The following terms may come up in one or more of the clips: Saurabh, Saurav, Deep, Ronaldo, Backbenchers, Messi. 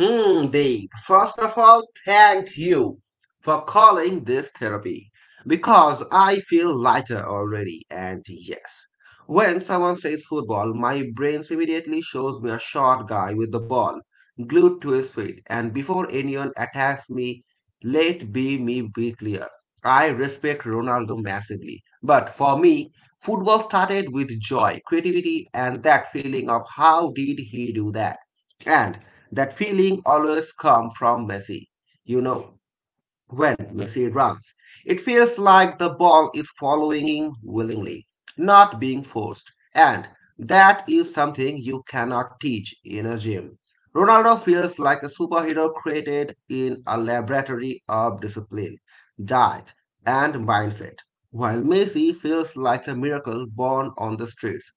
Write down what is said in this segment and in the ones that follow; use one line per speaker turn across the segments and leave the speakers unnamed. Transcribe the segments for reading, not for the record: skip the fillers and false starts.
Hmm, Dave, first of all, thank you for calling this therapy because I feel lighter already. And yes, when someone says football, my brain immediately shows me a short guy with the ball glued to his feet. And before anyone attacks me, let be me be clear. I respect Ronaldo massively. But for me, football started with joy, creativity, and that feeling of how did he do that? And that feeling always come from Messi. You know, when Messi runs, it feels like the ball is following him willingly, not being forced. And that is something you cannot teach in a gym. Ronaldo feels like a superhero created in a laboratory of discipline, diet, and mindset, while Messi feels like a miracle born on the streets.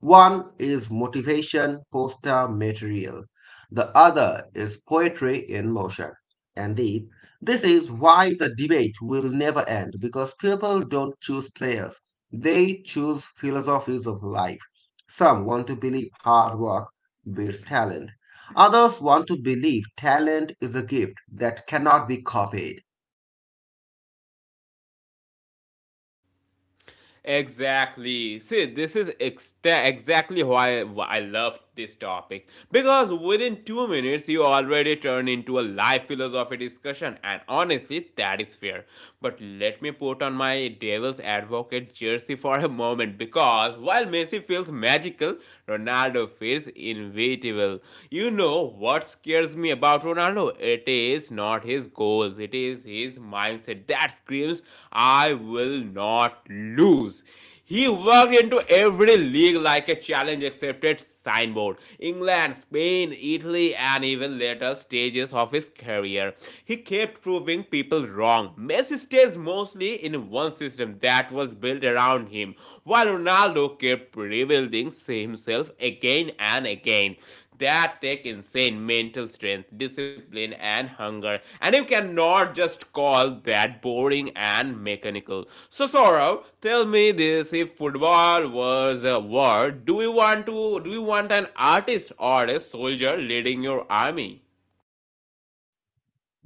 One is motivation poster material, the other is poetry in motion. And the This is why the debate will never end because people don't choose players, they choose philosophies of life. Some want to believe hard work builds talent, others want to believe talent is a gift that cannot be copied.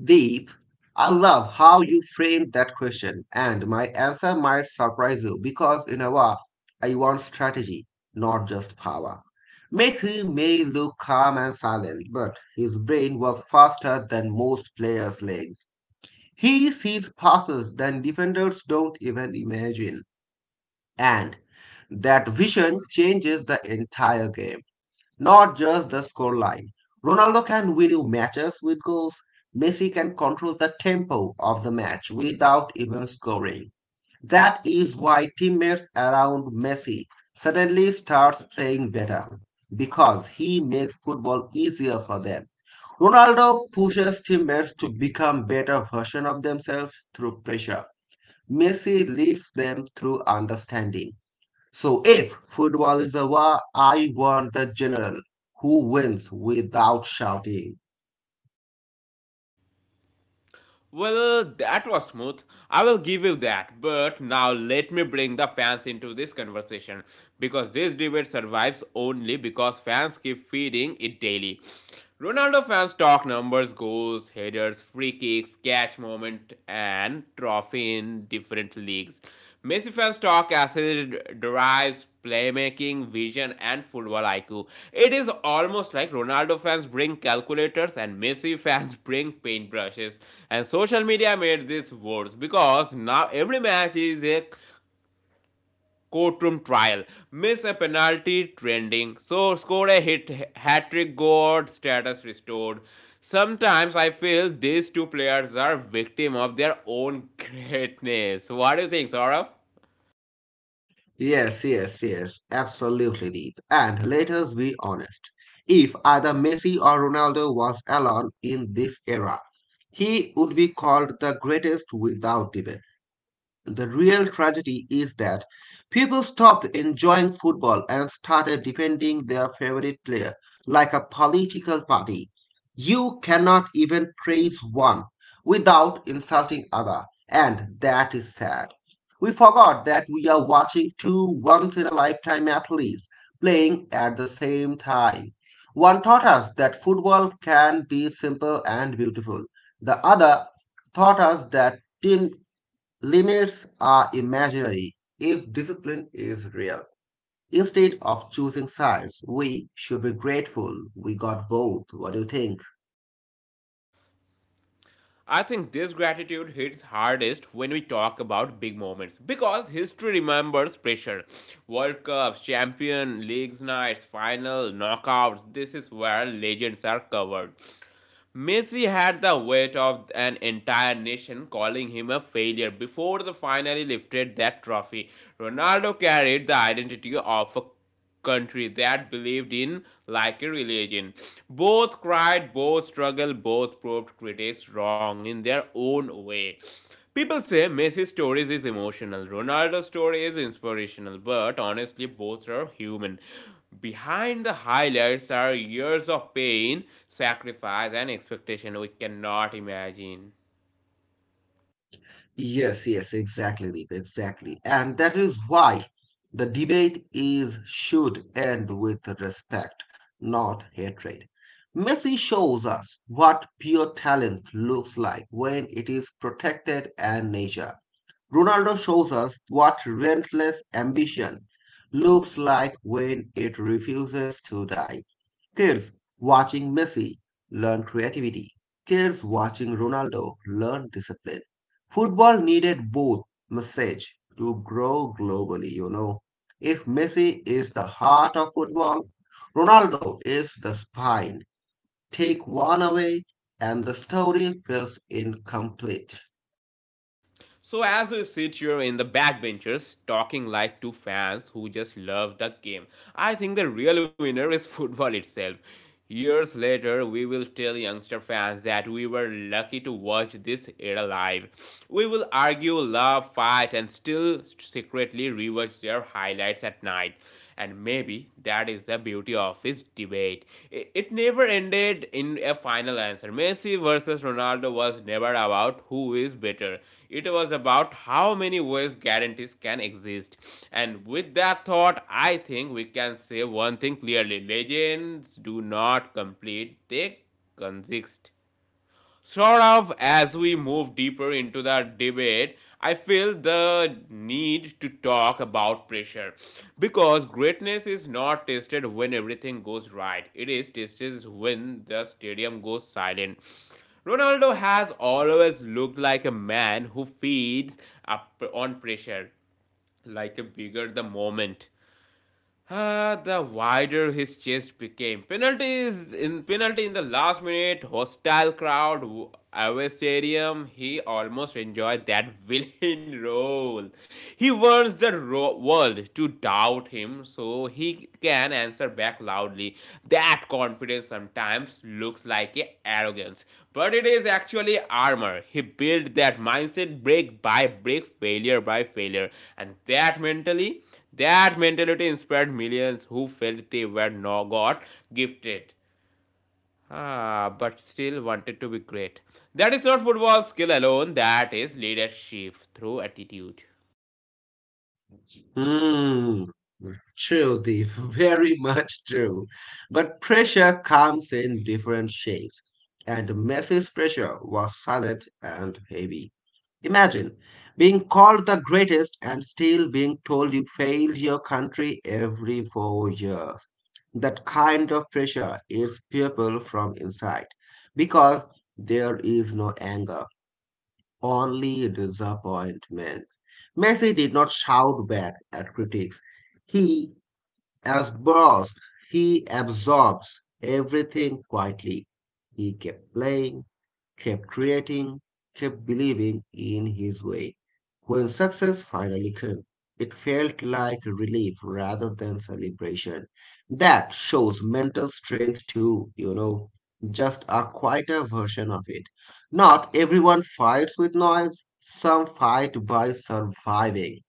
Deep, I love how you framed that question, and my answer might surprise you because, in a way, I want strategy, not just power. Maitre may look calm and silent, but his brain works faster than most players' legs. He sees passes that defenders don't even imagine, and that vision changes the entire game, not just the scoreline. Ronaldo can win matches with goals. Messi can control the tempo of the match without even scoring. That is why teammates around Messi suddenly starts playing better because he makes football easier for them. Ronaldo pushes teammates to become better versions of themselves through pressure. Messi lifts them through understanding. So if football is over, I want the general who wins without shouting. Yes, yes, yes, absolutely, Deep. And let us be honest. If either Messi or Ronaldo was alone in this era, he would be called the greatest without debate. The real tragedy is that people stopped enjoying football and started defending their favorite player like a political party. You cannot even praise one without insulting other, and that is sad. We forgot that we are watching two once in a lifetime athletes playing at the same time. One taught us that football can be simple and beautiful. The other taught us that team limits are imaginary if discipline is real. Instead of choosing sides, we should be grateful we got both. What do you think? Yes, yes, exactly, Deep, exactly. And that is why the debate is should end with respect, not hatred. Messi shows us what pure talent looks like when it is protected and nurtured. Ronaldo shows us what relentless ambition looks like when it refuses to die. Kids watching Messi learn creativity. Kids watching Ronaldo learn discipline. Football needed both message to grow globally, If Messi is the heart of football, Ronaldo is the spine. Take one away and the story feels incomplete. Mm, true, Deep. Very much true. But pressure comes in different shapes, and Messi's pressure was silent and heavy. Imagine being called the greatest and still being told you failed your country every four years. That kind of pressure is people from inside because there is no anger, only disappointment. Messi did not shout back at critics. He as outbursts. He absorbs everything quietly. He kept playing, kept creating, kept believing in his way. When success finally came, it felt like relief rather than celebration. That shows mental strength too, just a quieter version of it. Not everyone fights with noise, some fight by surviving.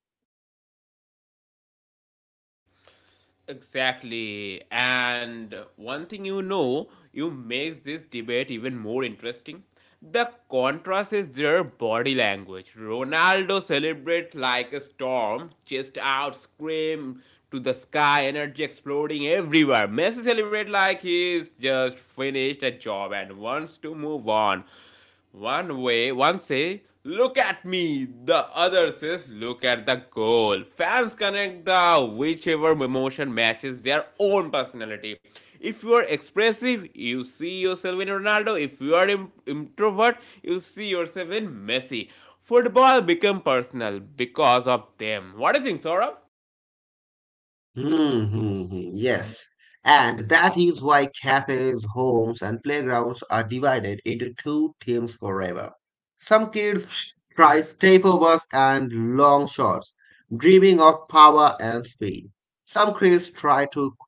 Hmm, hmm, hmm, yes. And that is why cafes, homes, and playgrounds are divided into two teams forever. Some kids try stepovers and long shots, dreaming of power and speed. Some kids try to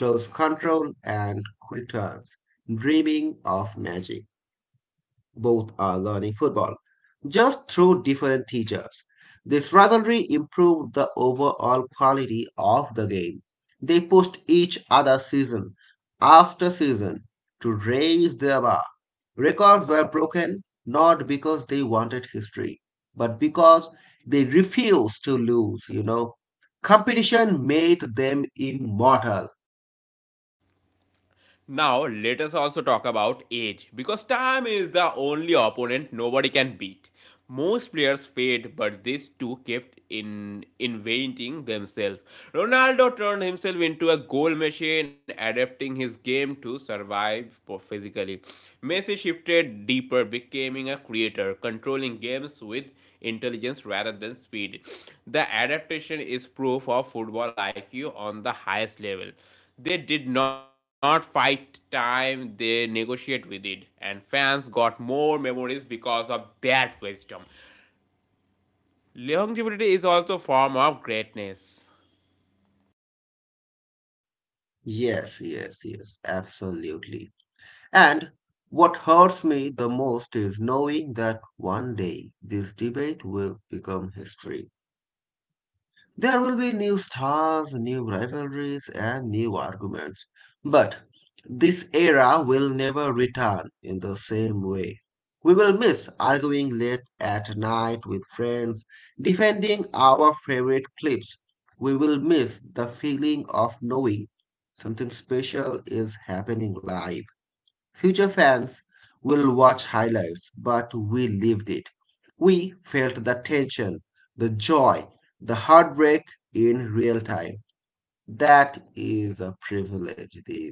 close control and quick turns, dreaming of magic. Both are learning football, just through different teachers. This rivalry improved the overall quality of the game. They pushed each other season after season to raise their bar. Records were broken not because they wanted history, but because they refused to lose, Competition made them immortal. Yes, yes, yes, absolutely. And what hurts me the most is knowing that one day this debate will become history. There will be new stars, new rivalries, and new arguments. But this era will never return in the same way. We will miss arguing late at night with friends, defending our favorite clips. We will miss the feeling of knowing something special is happening live. Future fans will watch highlights, but we lived it. We felt the tension, the joy, the heartbreak in real time. That is a privilege, Deep.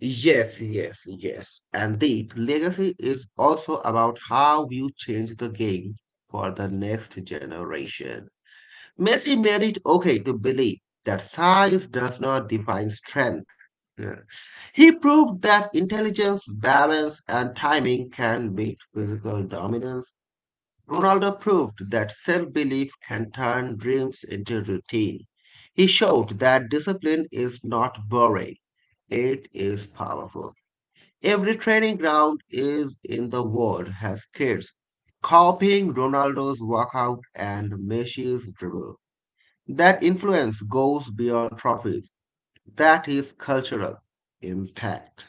Yes, yes, yes. And Deep, legacy is also about how you change the game for the next generation. Messi made it okay to believe that size does not define strength. Yeah. He proved that intelligence, balance, and timing can beat physical dominance. Ronaldo proved that self belief can turn dreams into routine. He showed that discipline is not boring, it is powerful. Every training ground is in the world has kids copying Ronaldo's workout and Messi's dribble. That influence goes beyond trophies. That is cultural impact.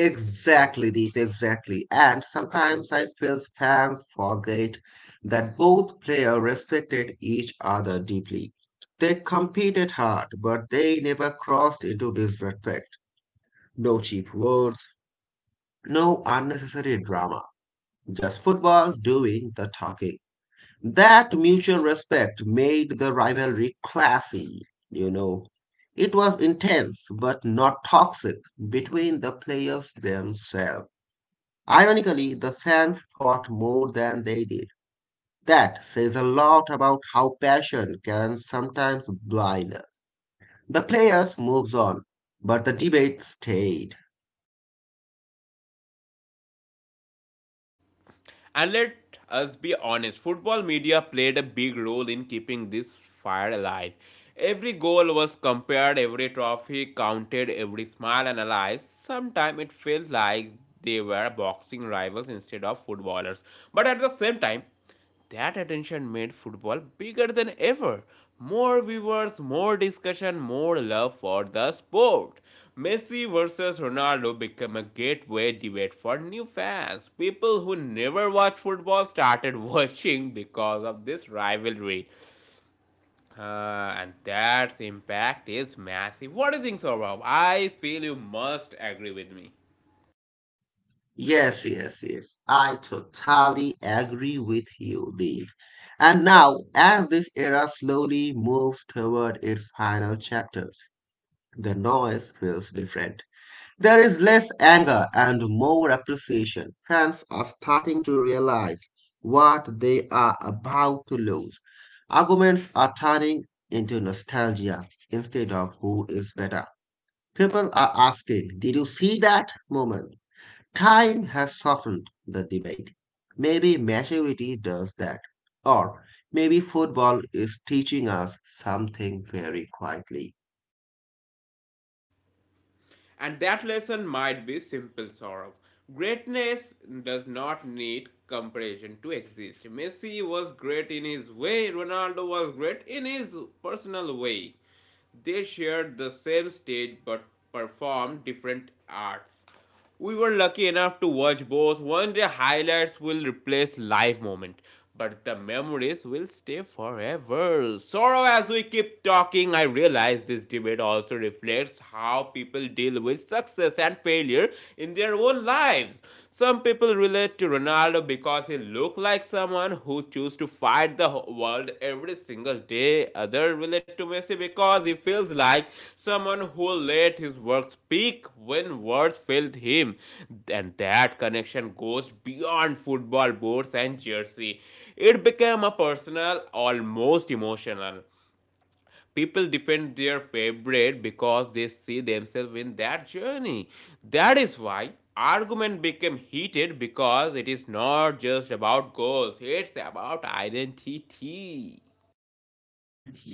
Exactly, Deep, exactly. And sometimes I feel fans forget that both players respected each other deeply. They competed hard, but they never crossed into disrespect. No cheap words, no unnecessary drama, just football doing the talking. That mutual respect made the rivalry classy, you know. It was intense but not toxic between the players themselves. Ironically, the fans fought more than they did. That says a lot about how passion can sometimes blind us. The players moves on, but the debate stayed. Yes, yes, yes. I totally agree with you, Lee. And now, as this era slowly moves toward its final chapters, the noise feels different. There is less anger and more appreciation. Fans are starting to realize what they are about to lose. Arguments are turning into nostalgia instead of who is better. People are asking, did you see that moment? Time has softened the debate. Maybe maturity does that. Or maybe football is teaching us something very quietly.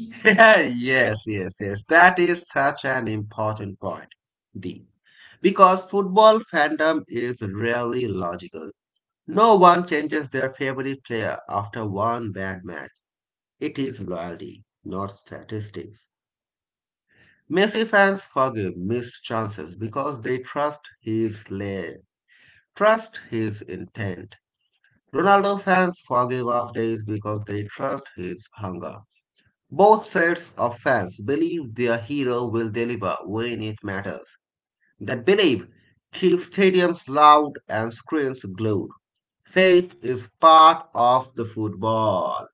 Yes, yes, yes. That is such an important point, Deep. Because football fandom is really logical. No one changes their favorite player after one bad match. It is loyalty, not statistics. Messi fans forgive missed chances because they trust his lay, trust his intent. Ronaldo fans forgive off days because they trust his hunger. Both sets of fans believe their hero will deliver when it matters. That belief keeps stadiums loud and screens glued. Faith is part of the football.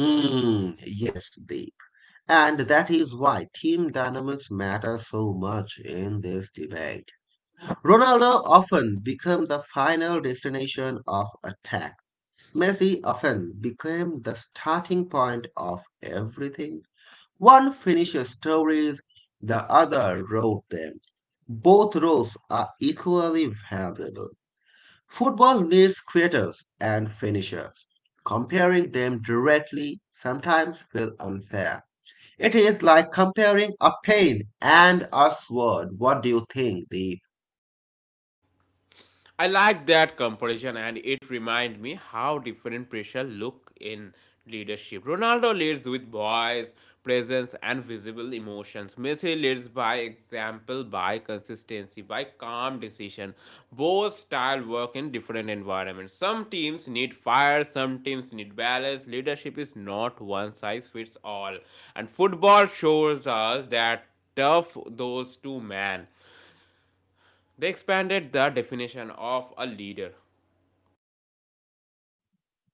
Hmm, yes, Deep. And that is why team dynamics matter so much in this debate. Ronaldo often became the final destination of attack. Messi often became the starting point of everything. One finishes stories, the other wrote them. Both roles are equally valuable. Football needs creators and finishers. Comparing them directly sometimes feels unfair. It is like comparing a pen and a sword. What do you think, Deep?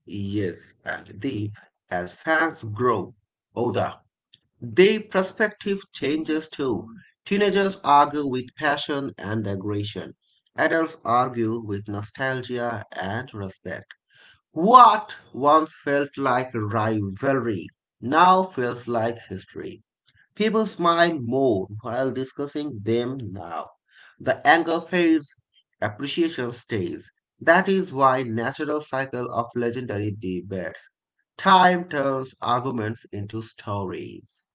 Yes, and deep, as fans grow older, their perspective changes too. Teenagers argue with passion and aggression. Adults argue with nostalgia and respect. What once felt like rivalry now feels like history. People smile more while discussing them now. The anger fades, appreciation stays. That is why natural cycle of legendary debates. Time turns arguments into stories.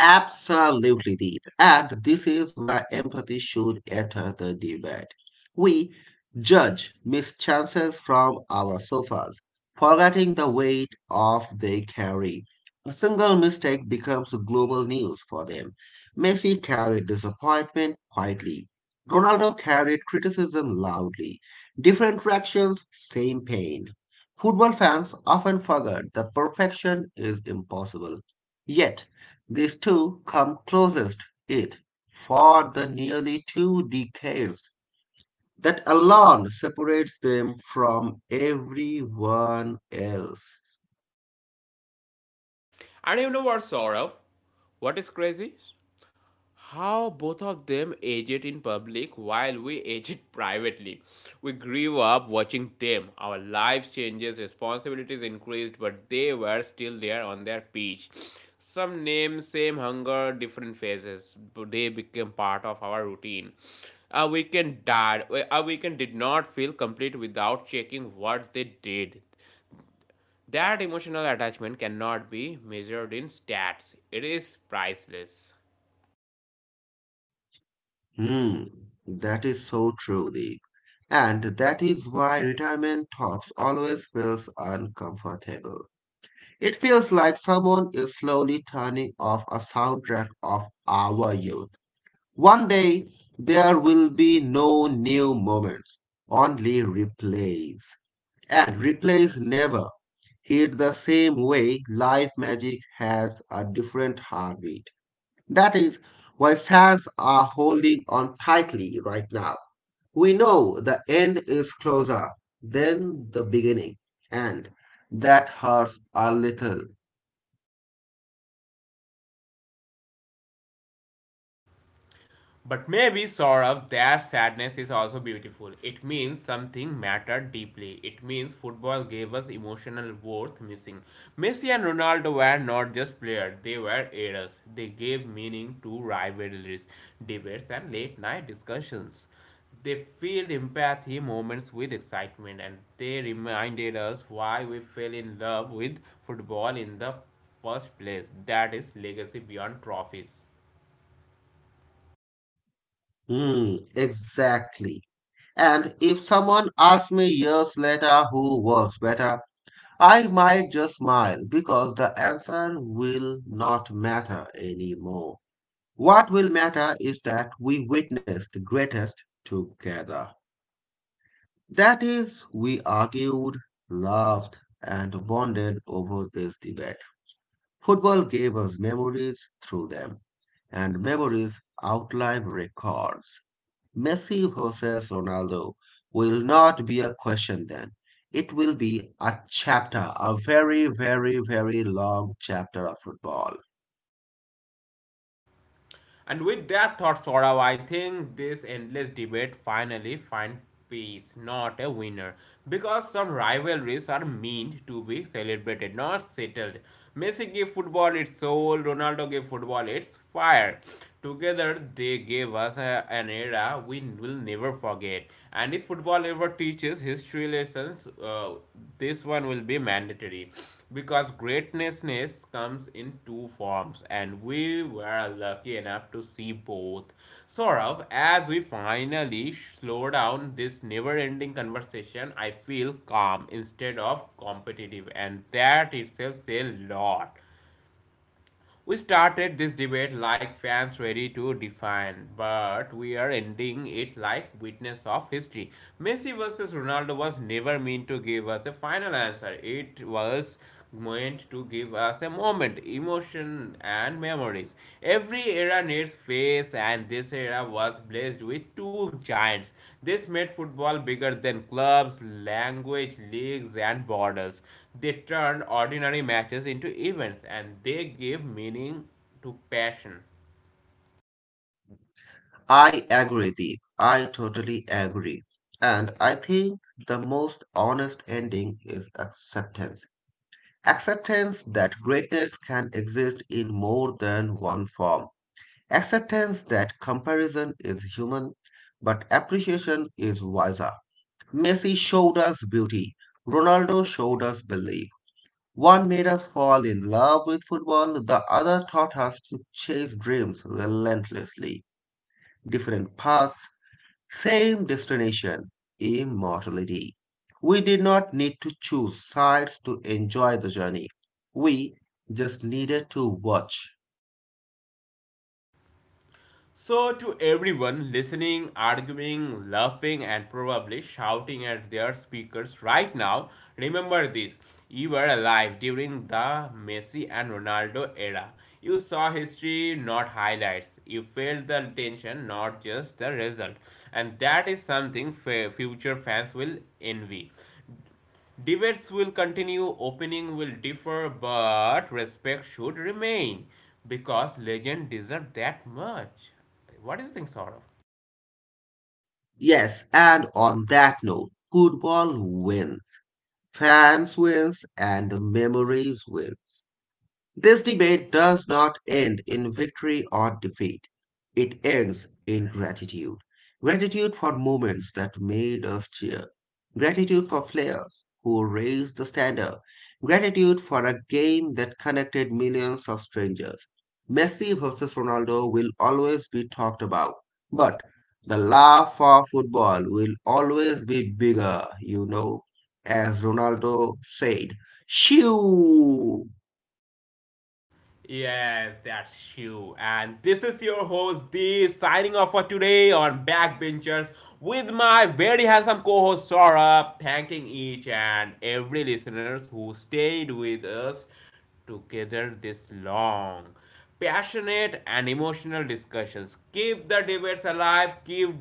Absolutely did. And this is where empathy should enter the debate. We judge missed chances from our sofas, forgetting the weight of they carry. A single mistake becomes global news for them. Messi carried disappointment quietly. Ronaldo carried criticism loudly. Different reactions, same pain. Football fans often forget that perfection is impossible. Yet, these two come closest it for the nearly two decades that alone separates them from everyone else. Hmm, that is so true, Deep. And that is why retirement talks always feels uncomfortable. It feels like someone is slowly turning off a soundtrack of our youth. One day, there will be no new moments, only replays. And replace never hit the same way. Live magic has a different heartbeat. That is why fans are holding on tightly right now. We know the end is closer than the beginning, and that hurts a little.
But maybe, sort of, their sadness is also beautiful. It means something mattered deeply. It means football gave us emotional worth missing. Messi and Ronaldo were not just players, they were eras. They gave meaning to rivalries, debates, and late night discussions. They filled empathy moments with excitement and they reminded us why we fell in love with football in the first place. That is legacy beyond trophies.
Hmm, exactly. And if someone asks me years later who was better, I might just smile because the answer will not matter anymore. What will matter is that we witnessed the greatest together. That is, we argued, loved, and bonded over this debate. Football gave us memories through them, and memories outlive records. Messi versus Ronaldo will not be a question then. It will be a chapter, a very, very, very long chapter of football.
And with that thought, Saurav, I think this endless debate finally find peace, not a winner. Because some rivalries are meant to be celebrated, not settled. Messi gave football its soul, Ronaldo gave football its fire. Together, they gave us an era we will never forget. And if football ever teaches history lessons, this one will be mandatory because greatness comes in two forms and we were lucky enough to see both, Saurav. As we finally slow down this never-ending conversation, I feel calm instead of competitive, and that itself says a lot. We started this debate like fans ready to define, but we are ending it like witness of history. Messi versus Ronaldo was never meant to give us a final answer. It was meant to give us a moment, emotion, and memory memories. Every era needs face, and this era was blessed with two giants. This made football bigger than clubs, language, leagues, and borders. They turned ordinary matches into events, and they gave meaning to passion.
I agree, Deep. I totally agree. And I think the most honest ending is acceptance. Acceptance that greatness can exist in more than one form. Acceptance that comparison is human, but appreciation is wiser. Messi showed us beauty. Ronaldo showed us belief. One made us fall in love with football, the other taught us to chase dreams relentlessly. Different paths, same destination, immortality. We did not need to choose sides to enjoy the journey. We just needed to watch.
So, to everyone listening, arguing, laughing, and probably shouting at their speakers right now, remember this. You were alive during the Messi and Ronaldo era. You saw history, not highlights. You felt the tension, not just the result. And that is something future fans will envy. Debates will continue, opinion will differ, but respect should remain because legend deserve that much. What do you think, Saurabh?
Yes, and on that note, football wins. Fans wins and memories wins. This debate does not end in victory or defeat. It ends in gratitude. Gratitude for moments that made us cheer. Gratitude for players who raised the standard. Gratitude for a game that connected millions of strangers. Messi versus Ronaldo will always be talked about, but the love for football will always be bigger, As Ronaldo said, shoo!
Yes, that's you. And this is your host, Deep, signing off for today on Backbenchers with my very handsome co host, Saurabh, thanking each and every listeners who stayed with us together this long. Passionate and emotional discussions. Keep the debates alive, keep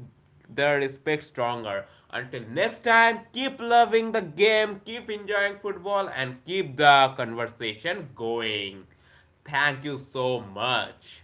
the respect stronger. Until next time, keep loving the game, keep enjoying football, and keep the conversation going. Thank you so much.